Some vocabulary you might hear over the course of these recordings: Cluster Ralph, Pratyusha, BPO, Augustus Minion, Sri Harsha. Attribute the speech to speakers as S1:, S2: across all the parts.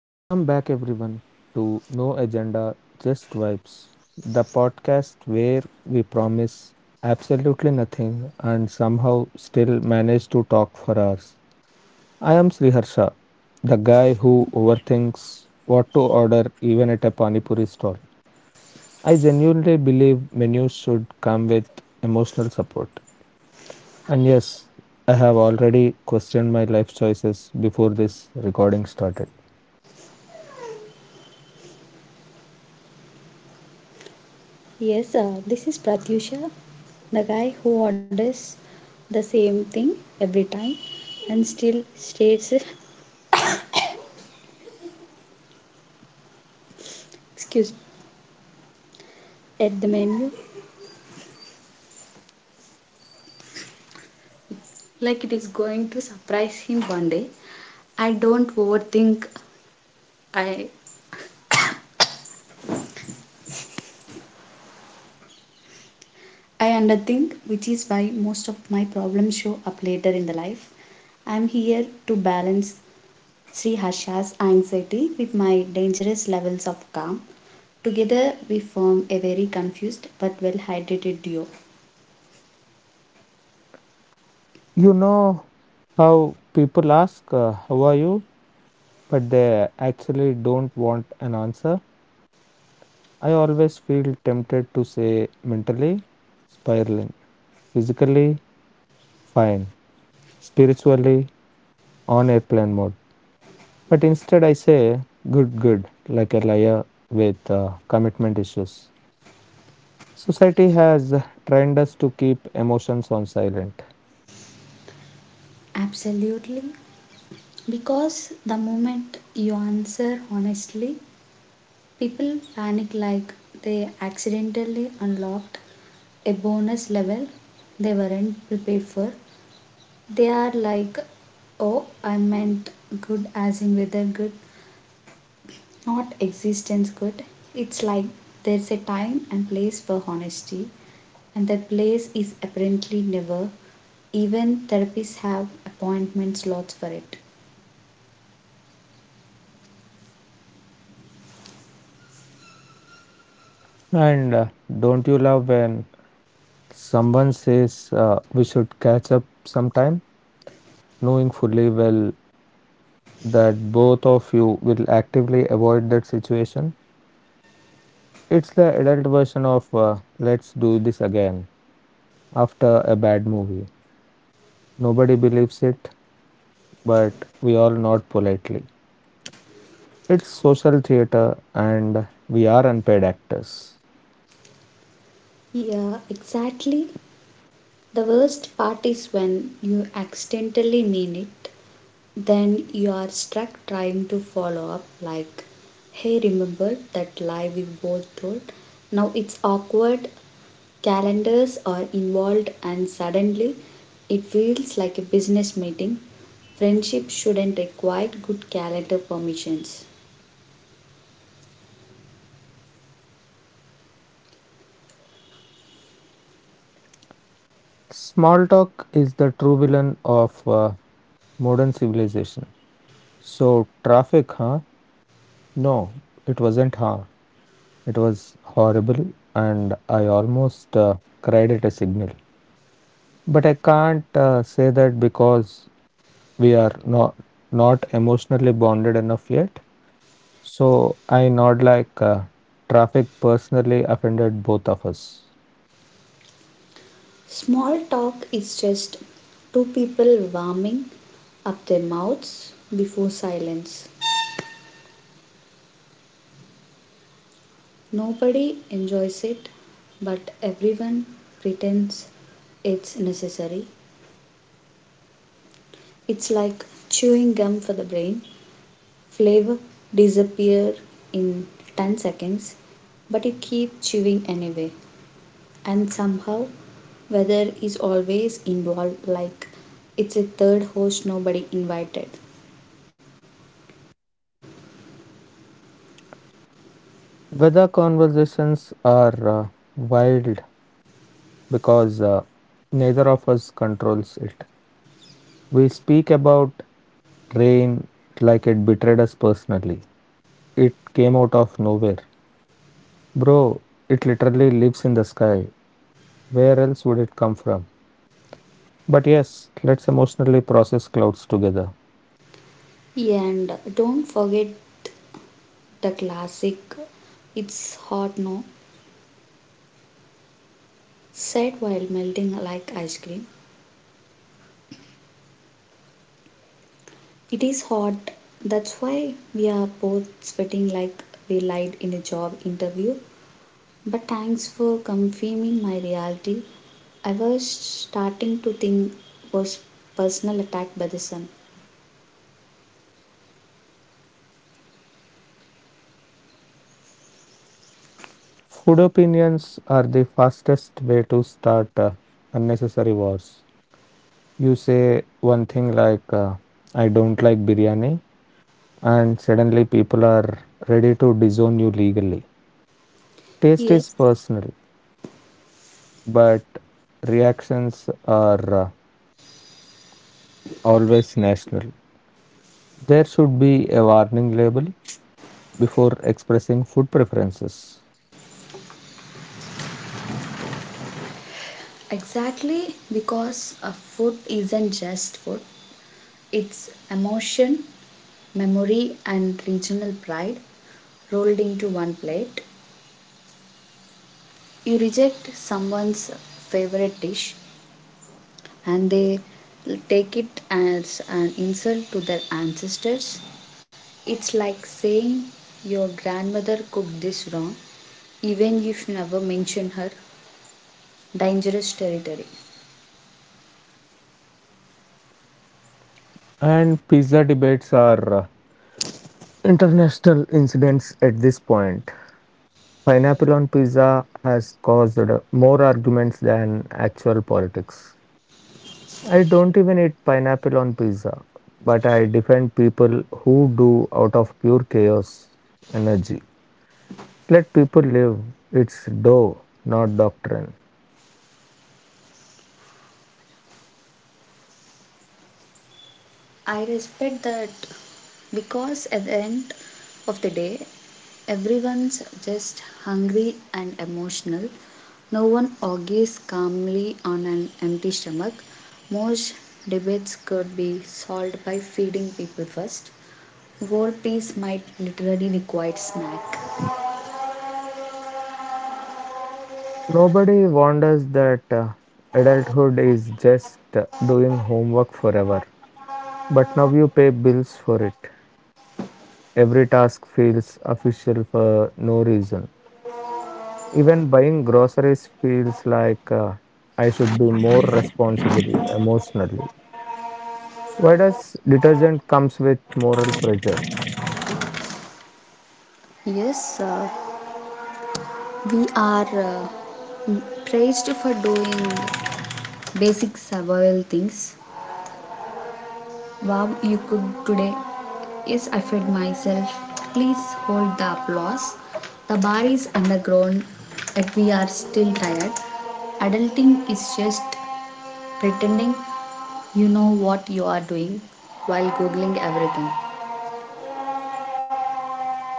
S1: Welcome back, everyone, to No Agenda, Just Vibes, the podcast where we promise absolutely nothing and somehow still manage to talk for hours. I am Sriharsha, the guy who overthinks what to order even at a Pani Puri stall. I genuinely believe menus should come with emotional support. And yes, I have already questioned my life choices before this recording started.
S2: Yes, this is Pratyusha, the guy who orders the same thing every time and still stares excuse me, at the menu like it is going to surprise him one day. I don't overthink. I I underthink, which is why most of my problems show up later in the life. I'm here to balance Sri Harsha's anxiety with my dangerous levels of calm. Together, we form a very confused but well hydrated duo.
S1: You know, how people ask, How are you, but they actually don't want an answer? I always feel tempted to say mentally, spiraling; physically, fine; spiritually, on airplane mode. But instead, I say good, good, like a liar with commitment issues. Society has trained us to keep emotions on silent.
S2: Absolutely. Because the moment you answer honestly, people panic like they accidentally unlocked a bonus level they weren't prepared for. They are like, oh, I meant good as in weather good, not existence good. It's like there's a time and place for honesty, and that place is apparently never. Even therapists have appointment slots for it.
S1: And don't you love when someone says we should catch up sometime, knowing fully well that both of you will actively avoid that situation? It's the adult version of let's do this again after a bad movie. Nobody believes it, but we all nod politely. It's social theater and we are unpaid actors.
S2: Yeah, exactly. The worst part is when you accidentally mean it, then you are stuck trying to follow up, like, hey, remember that lie we both told? Now it's awkward, calendars are involved, and suddenly it feels like a business meeting. Friendship shouldn't require good calendar permissions.
S1: Small talk is the true villain of modern civilization. So, traffic, huh? No, it wasn't, huh? It was horrible, and I almost cried at a signal. But I can't say that because we are not emotionally bonded enough yet. So I nod like traffic personally offended both of us.
S2: Small talk is just two people warming up their mouths before silence. Nobody enjoys it, but everyone pretends it's necessary. It's like chewing gum for the brain. Flavor disappears in 10 seconds, but you keep chewing anyway. And somehow weather is always involved like it's a third host nobody invited.
S1: Weather conversations are wild because neither of us controls it. We speak about rain like it betrayed us personally. It came out of nowhere. Bro, it literally lives in the sky. Where else would it come from? But yes, let's emotionally process clouds together.
S2: Yeah, and don't forget the classic "It's hot, no?" said while melting like ice cream. It is hot, that's why we are both sweating like we lied in a job interview. But thanks for confirming my reality. I was starting to think was personal attack by the sun.
S1: Food opinions are the fastest way to start unnecessary wars. You say one thing like, I don't like biryani, and suddenly people are ready to disown you legally. Taste is
S2: Yes,
S1: personal, but reactions are always national. There should be a warning label before expressing food preferences.
S2: exactly, because a food isn't just food, it's emotion, memory and regional pride rolled into one plate. You reject someone's favorite dish and they take it as an insult to their ancestors. It's like saying your grandmother cooked this wrong, even if you never mention her — dangerous territory.
S1: And pizza debates are international incidents at this point. Pineapple on pizza has caused more arguments than actual politics. I don't even eat pineapple on pizza, but I defend people who do out of pure chaos energy. Let people live, it's dough, not doctrine.
S2: I respect that because at the end of the day, everyone's just hungry and emotional. No one argues calmly on an empty stomach. Most debates could be solved by feeding people first. War peace might literally require snack.
S1: Nobody wonders that adulthood is just doing homework forever. But now you pay bills for it. Every task feels official for no reason. Even buying groceries feels like I should be more responsible emotionally. Why does detergent comes with moral pressure?
S2: Yes, we are praised for doing basic survival things. Wow, you cooked today. Yes, I fed myself. Please hold the applause. The bar is underground, and we are still tired. Adulting is just pretending you know what you are doing while Googling everything.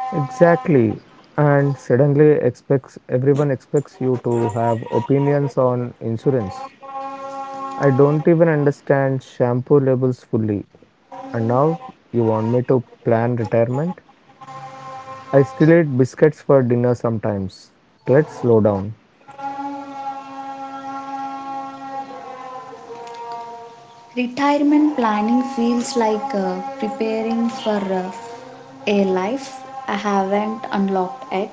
S1: Exactly. And suddenly expects everyone expects you to have opinions on insurance. I don't even understand shampoo labels fully. And now you want me to plan retirement? I still eat biscuits for dinner sometimes. Let's slow down.
S2: Retirement planning feels like preparing for a life I haven't unlocked yet.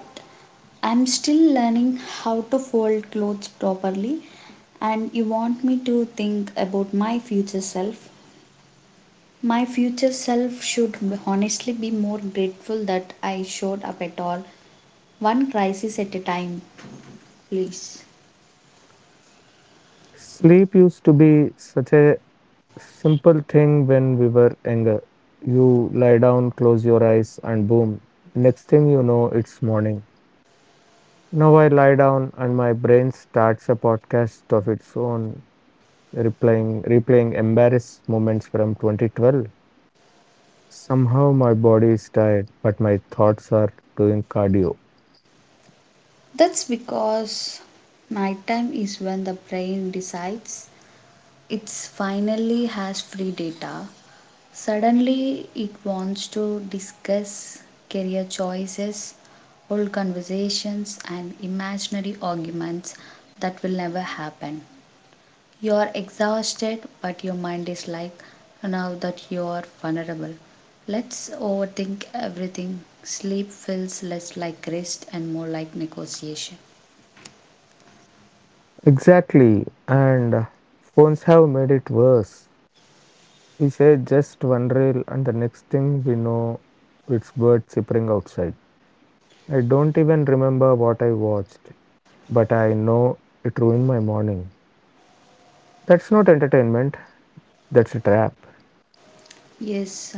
S2: I'm still learning how to fold clothes properly, and you want me to think about my future self. My future self should honestly be more grateful that I showed up at all, one crisis at a time, please.
S1: Sleep used to be such a simple thing when we were younger. You lie down, close your eyes, and boom, next thing you know, it's morning. Now I lie down and my brain starts a podcast of its own, replaying embarrassed moments from 2012. Somehow my body is tired, but my thoughts are doing cardio.
S2: That's because nighttime is when the brain decides it's finally has free data. Suddenly it wants to discuss career choices, old conversations and imaginary arguments that will never happen. You are exhausted but your mind is like, now that you are vulnerable, let's overthink everything. Sleep feels less like rest and more like negotiation.
S1: Exactly, and phones have made it worse. We say just one reel, and the next thing we know, it's birds chirping outside. I don't even remember what I watched, but I know it ruined my morning. That's not entertainment, that's a trap.
S2: Yes.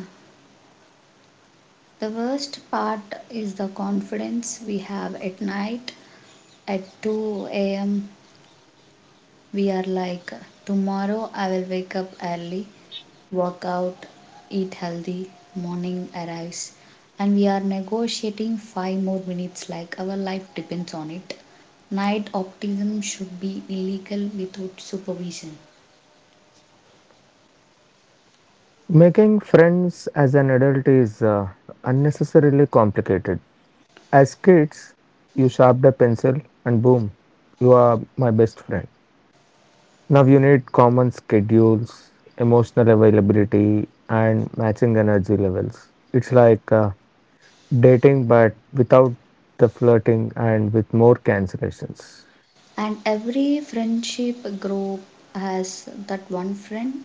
S2: The worst part is the confidence we have at night at 2 am. We are like, tomorrow I will wake up early, work out, eat healthy, morning arrives, and we are negotiating 5 more minutes like our life depends on it. Night optimism should be illegal without supervision.
S1: Making friends as an adult is unnecessarily complicated. As kids, you sharpened a pencil, and boom, you are my best friend. Now you need common schedules, emotional availability, and matching energy levels. It's like dating, but without the flirting and with more cancellations.
S2: And every friendship group has that one friend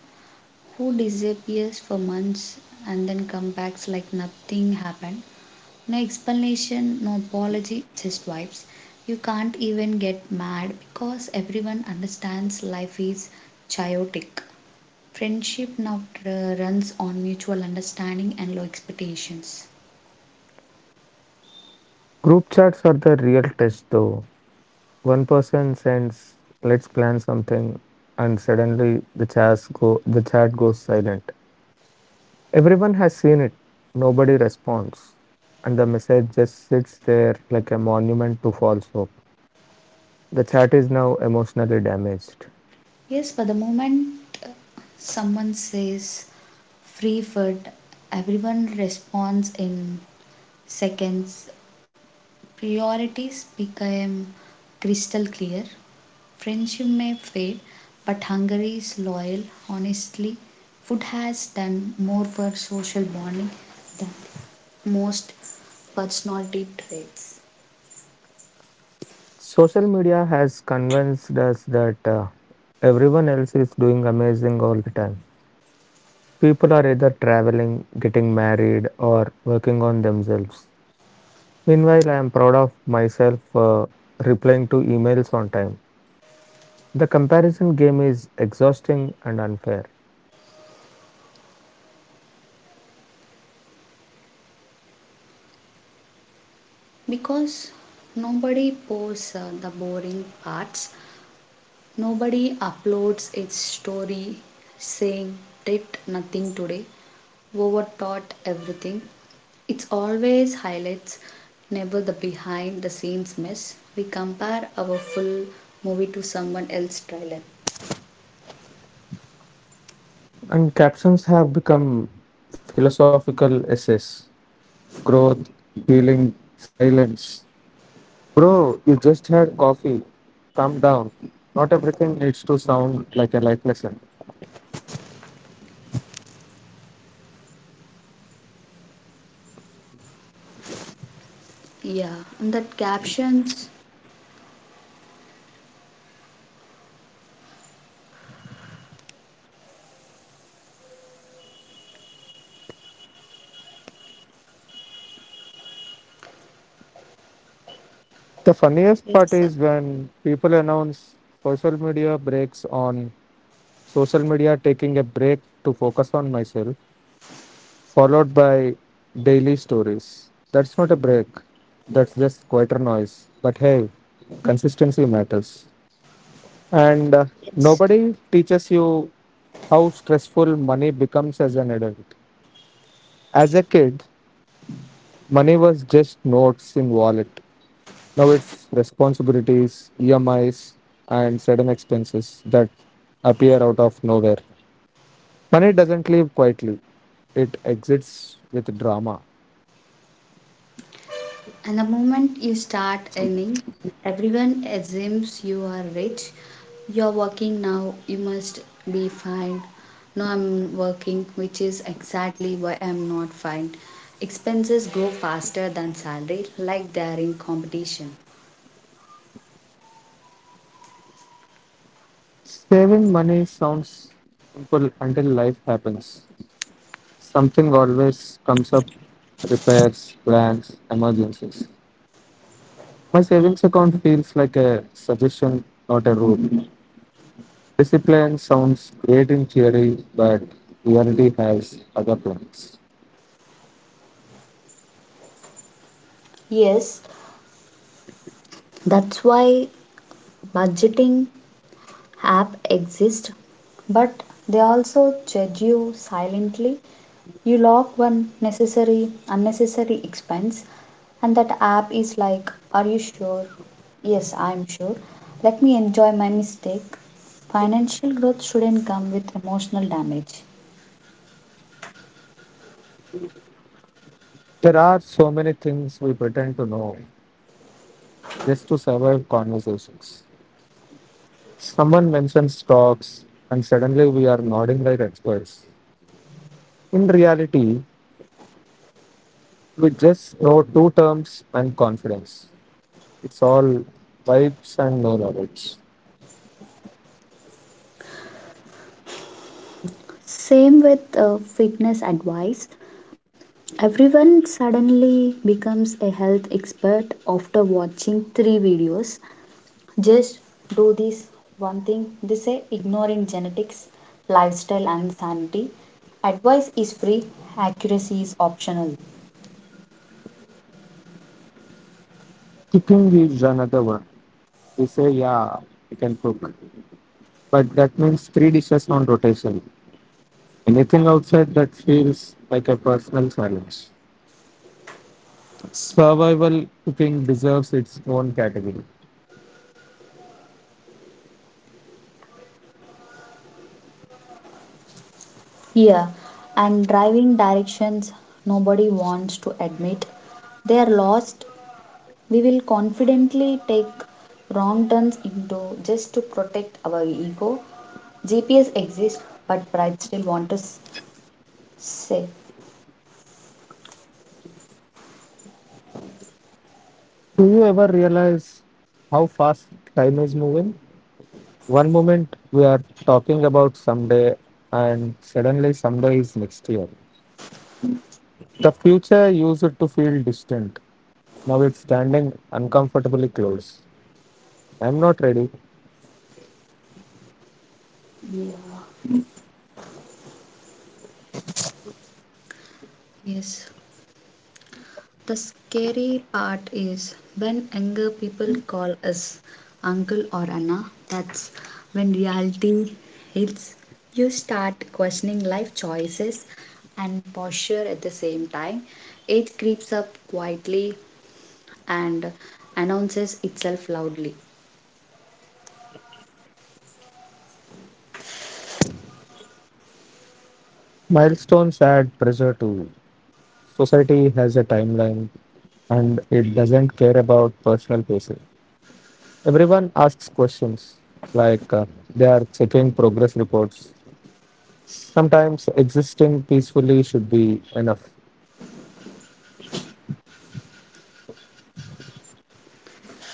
S2: who disappears for months and then comes back like nothing happened. No explanation, no apology, just vibes. You can't even get mad because everyone understands life is chaotic. Friendship now runs on mutual understanding and low expectations.
S1: Group chats are the real test, though. One person sends, "Let's plan something," and suddenly the chat goes silent. Everyone has seen it. Nobody responds, and the message just sits there like a monument to false hope. The chat is now emotionally damaged.
S2: Yes, but the moment uh, someone says free food, everyone responds in seconds. Priorities became crystal clear. Friendship may fade, but hunger is loyal. Honestly, food has done more for social bonding than most personality traits.
S1: Social media has convinced us that everyone else is doing amazing all the time. People are either traveling, getting married, or working on themselves. Meanwhile, I am proud of myself replying to emails on time. The comparison game is exhausting and unfair.
S2: Because nobody posts the boring parts, nobody uploads its story saying did nothing today, overthought everything. It's always highlights, never the behind the scenes mess. We compare our full movie to someone else's trailer.
S1: And captions have become philosophical essays: growth, healing, silence. Bro, you just had coffee. Calm down. Not everything needs to sound like a life lesson.
S2: Yeah, and that captions.
S1: The funniest
S2: Yes,
S1: part
S2: sir.
S1: is when people announce social media breaks on social media, taking a break to focus on myself, followed by daily stories. That's not a break, that's just quieter noise. But hey, consistency matters. And
S2: Yes.
S1: nobody teaches you how stressful money becomes as an adult. As a kid, money was just notes in wallet. Now it's responsibilities, EMIs, and sudden expenses that appear out of nowhere. Money doesn't leave quietly. It exits with drama.
S2: And the moment you start earning, everyone assumes you are rich. You're working now, you must be fine. No, I'm working, which is exactly why I'm not fine. Expenses grow faster than salary, like they are in competition.
S1: Saving money sounds simple until life happens. Something always comes up: repairs, plans, emergencies. My savings account feels like a suggestion, not a rule. Discipline sounds great in theory, but reality has other plans.
S2: Yes, that's why budgeting app exist, but they also judge you silently. You log one necessary unnecessary expense and that app is like, are you sure? Yes, I am sure, let me enjoy my mistake. Financial growth shouldn't come with emotional damage.
S1: There are so many things we pretend to know just to survive conversations. Someone mentions stocks, and suddenly we are nodding like experts. In reality, we just know two terms and confidence. It's all vibes and no knowledge.
S2: Same with fitness advice. Everyone suddenly becomes a health expert after watching three videos. Just do this one thing, they say, ignoring genetics, lifestyle, and sanity. Advice is free, accuracy is optional.
S1: Cooking is another one. We say, yeah, we can cook, but that means three dishes on rotation. Anything outside that feels like a personal challenge. Survival cooking deserves its own category.
S2: Yeah, and driving directions, nobody wants to admit they are lost. We will confidently take wrong turns into just to protect our ego. GPS exists, but pride still wants to say.
S1: Do you ever realize how fast time is moving? One moment we are talking about someday, and suddenly someday is next year. The future used to feel distant. Now it's standing uncomfortably close. I'm not ready.
S2: Yeah. Yes. The scary part is when younger people call us uncle or Anna, that's when reality hits. You start questioning life choices and posture at the same time. Age creeps up quietly and announces itself loudly.
S1: Milestones add pressure too. Society has a timeline and it doesn't care about personal pacing. Everyone asks questions like they are checking progress reports. Sometimes existing peacefully should be enough.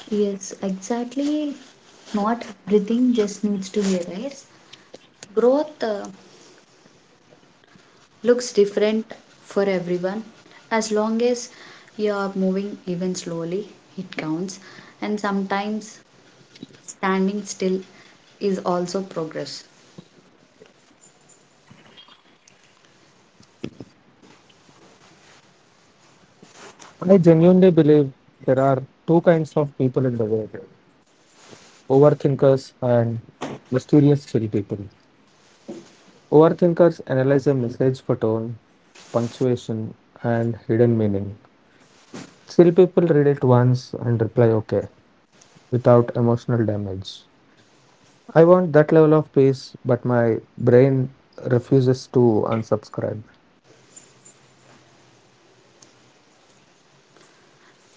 S2: Yes, exactly. Not everything just needs to be raised. Growth looks different for everyone, as long as you are moving. Even slowly, it counts. And sometimes standing still is also progress.
S1: I genuinely believe there are two kinds of people in the world: overthinkers and mysterious chill people. Overthinkers analyze a message for tone, punctuation, and hidden meaning. Chill people read it once and reply okay without emotional damage. I want that level of peace, but my brain refuses to unsubscribe.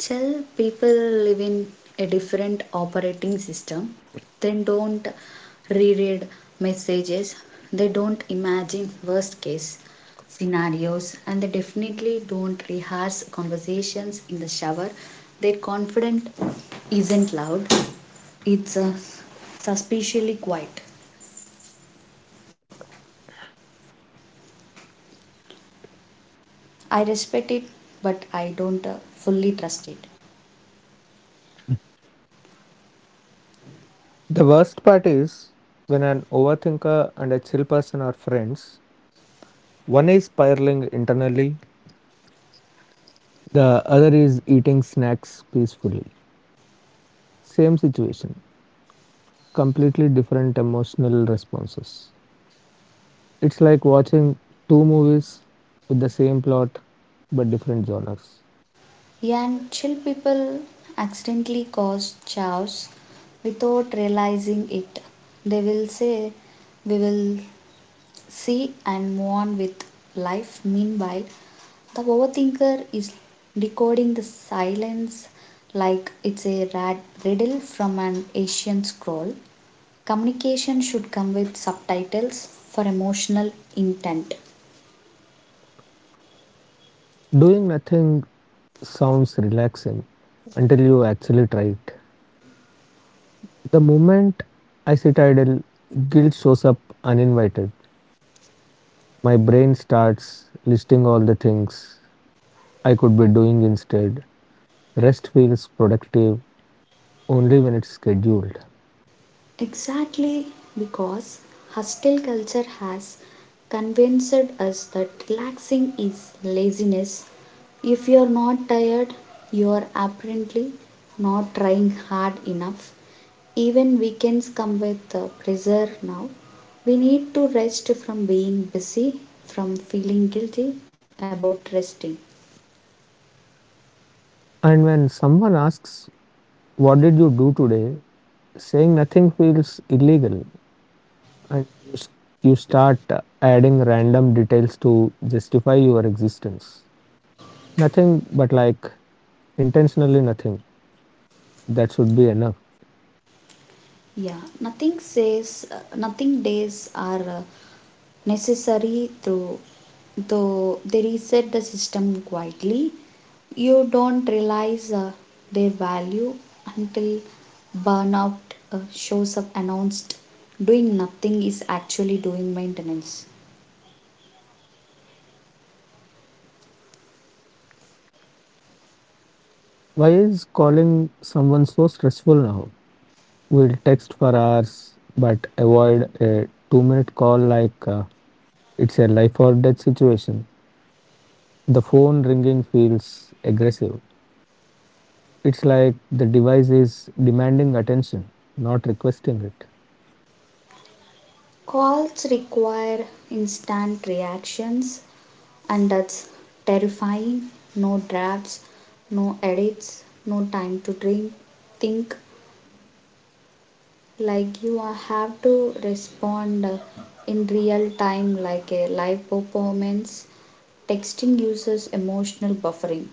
S2: Till people live in a different operating system. They don't reread messages, they don't imagine worst case scenarios, and they definitely don't rehearse conversations in the shower. Their confidence isn't loud. It's suspiciously quiet. I respect it, but I don't fully trust it.
S1: The worst part is when an overthinker and a chill person are friends: one is spiraling internally, the other is eating snacks peacefully. Same situation, completely different emotional responses. It's like watching two movies with the same plot but different genres.
S2: Yeah, and chill people accidentally cause chaos without realizing it. They will say, we will see, and move on with life. Meanwhile, the overthinker is decoding the silence like it's a riddle from an ancient scroll. Communication should come with subtitles for emotional intent.
S1: Doing nothing sounds relaxing until you actually try it. The moment I sit idle, guilt shows up uninvited. My brain starts listing all the things I could be doing instead. Rest feels productive only when it's scheduled.
S2: Exactly, because hostile culture has convinced us that relaxing is laziness. If you're not tired, you're apparently not trying hard enough. Even weekends come with pressure now. We need to rest from being busy, from feeling guilty about resting.
S1: And when someone asks, what did you do today, saying nothing feels illegal. And you start adding random details to justify your existence. Nothing, but like intentionally nothing. That should be enough.
S2: Yeah, nothing says nothing days are necessary, though they reset the system quietly. You don't realize their value until burnout shows up announced. Doing nothing is actually doing maintenance.
S1: Why is calling someone so stressful now? We'll text for hours, but avoid a 2-minute call like it's a life or death situation. The phone ringing feels aggressive. It's like the device is demanding attention, not requesting it.
S2: Calls require instant reactions, and that's terrifying. No drafts, no edits, no time to drink, think, like have to respond in real time like a live performance. Texting uses emotional buffering.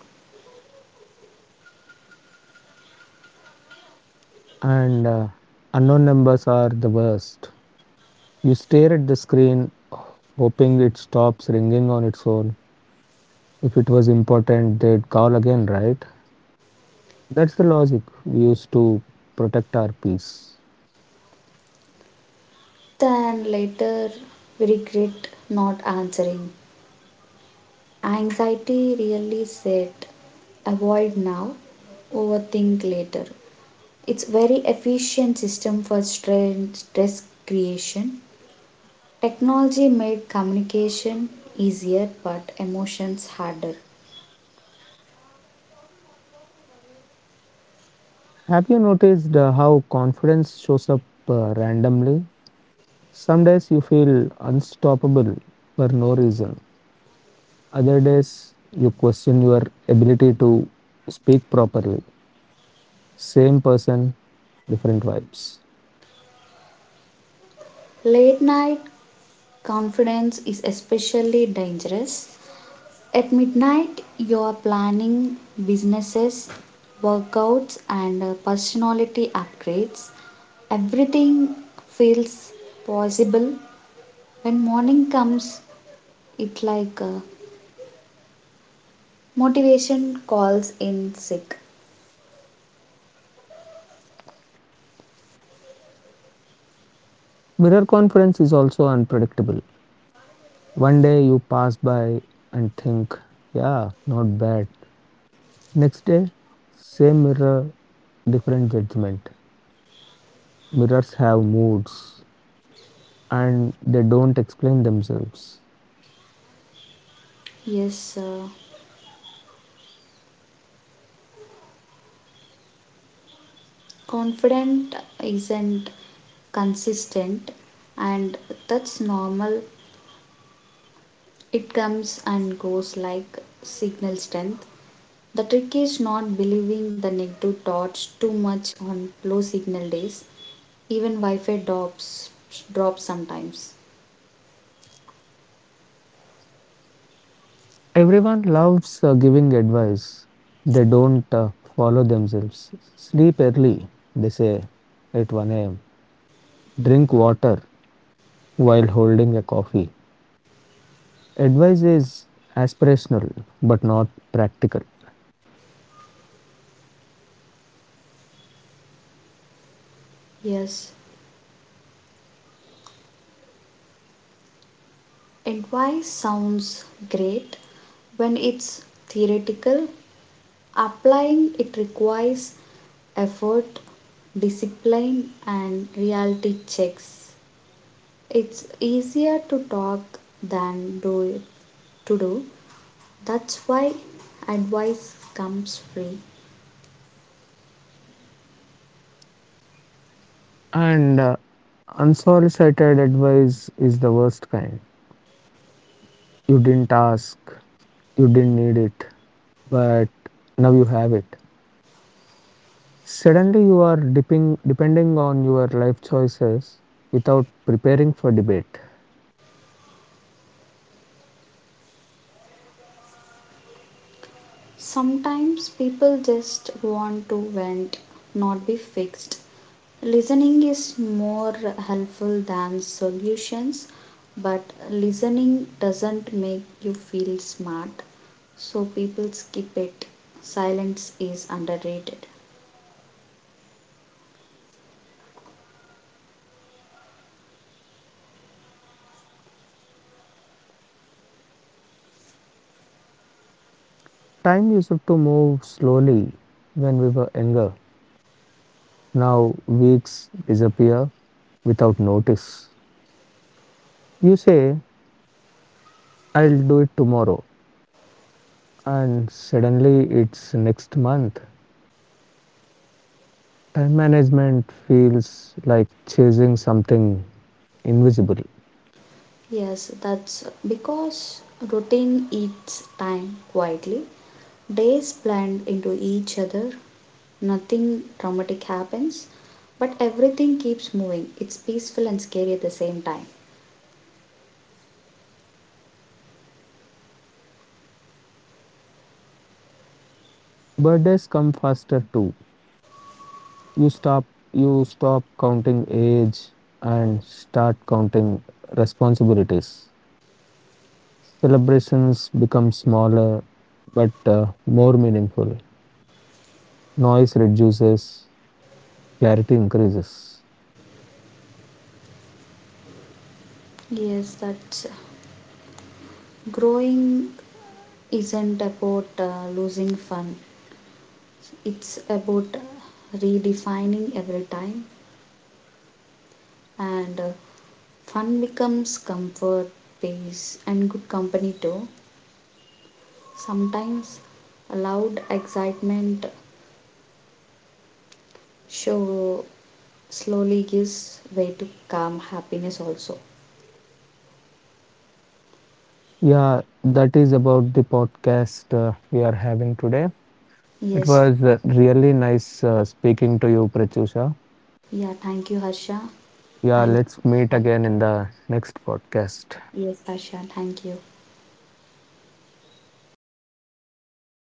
S1: And unknown numbers are the worst. You stare at the screen, hoping it stops ringing on its own. If it was important, they'd call again, right? That's the logic we use to protect our peace.
S2: Then later we regret not answering. Anxiety really said avoid now, overthink later. It's very efficient system for stress creation. Technology made communication easier but emotions harder.
S1: Have you noticed how confidence shows up randomly? Some days you feel unstoppable for no reason; other days you question your ability to speak properly. Same person, different vibes.
S2: Late night confidence is especially dangerous. At midnight, you are planning businesses, workouts, and personality upgrades. Everything feels possible. When morning comes, it like motivation calls in sick.
S1: Mirror confidence is also unpredictable. One day you pass by and think, yeah, not bad. Next day, same mirror, different judgment. Mirrors have moods and they don't explain themselves.
S2: Yes, confident isn't consistent, and that's normal. It comes and goes like signal strength. The trick is not believing the negative thoughts too much on low signal days. Even Wi Fi drops sometimes.
S1: Everyone loves giving advice. They don't follow themselves. Sleep early, they say, at 1 am. Drink water while holding a coffee. Advice is aspirational but not practical.
S2: Yes, advice sounds great when it's theoretical. Applying it requires effort, discipline, and reality checks. It's easier to talk than do it. To do. That's why advice comes free.
S1: And unsolicited advice is the worst kind. You didn't ask, you didn't need it, but now you have it. Suddenly, you are depending on your life choices without preparing for debate.
S2: Sometimes people just want to vent, not be fixed. Listening is more helpful than solutions, but listening doesn't make you feel smart, so people skip it. Silence is underrated.
S1: Time used to move slowly when we were younger. Now, weeks disappear without notice. You say, I'll do it tomorrow, and suddenly it's next month. Time management feels like chasing something invisible.
S2: Yes, that's because routine eats time quietly. Days blend into each other. Nothing dramatic happens, but everything keeps moving. It's peaceful and scary at the same time.
S1: Birthdays come faster too. you stop you stop counting age and start counting responsibilities. Celebrations become smaller but more meaningful. Noise reduces, clarity increases.
S2: Yes, that's growing isn't about losing fun. It's about redefining every time, and fun becomes comfort, peace and good company too. Sometimes loud excitement show slowly gives way to calm happiness also.
S1: Yeah, that is about the podcast we are having today. It
S2: Yes.
S1: was really nice speaking to you, prachusha.
S2: Yeah, thank you, Harsha.
S1: Yeah,
S2: Thank
S1: let's meet again in the next podcast.
S2: Yes, Harsha, thank you.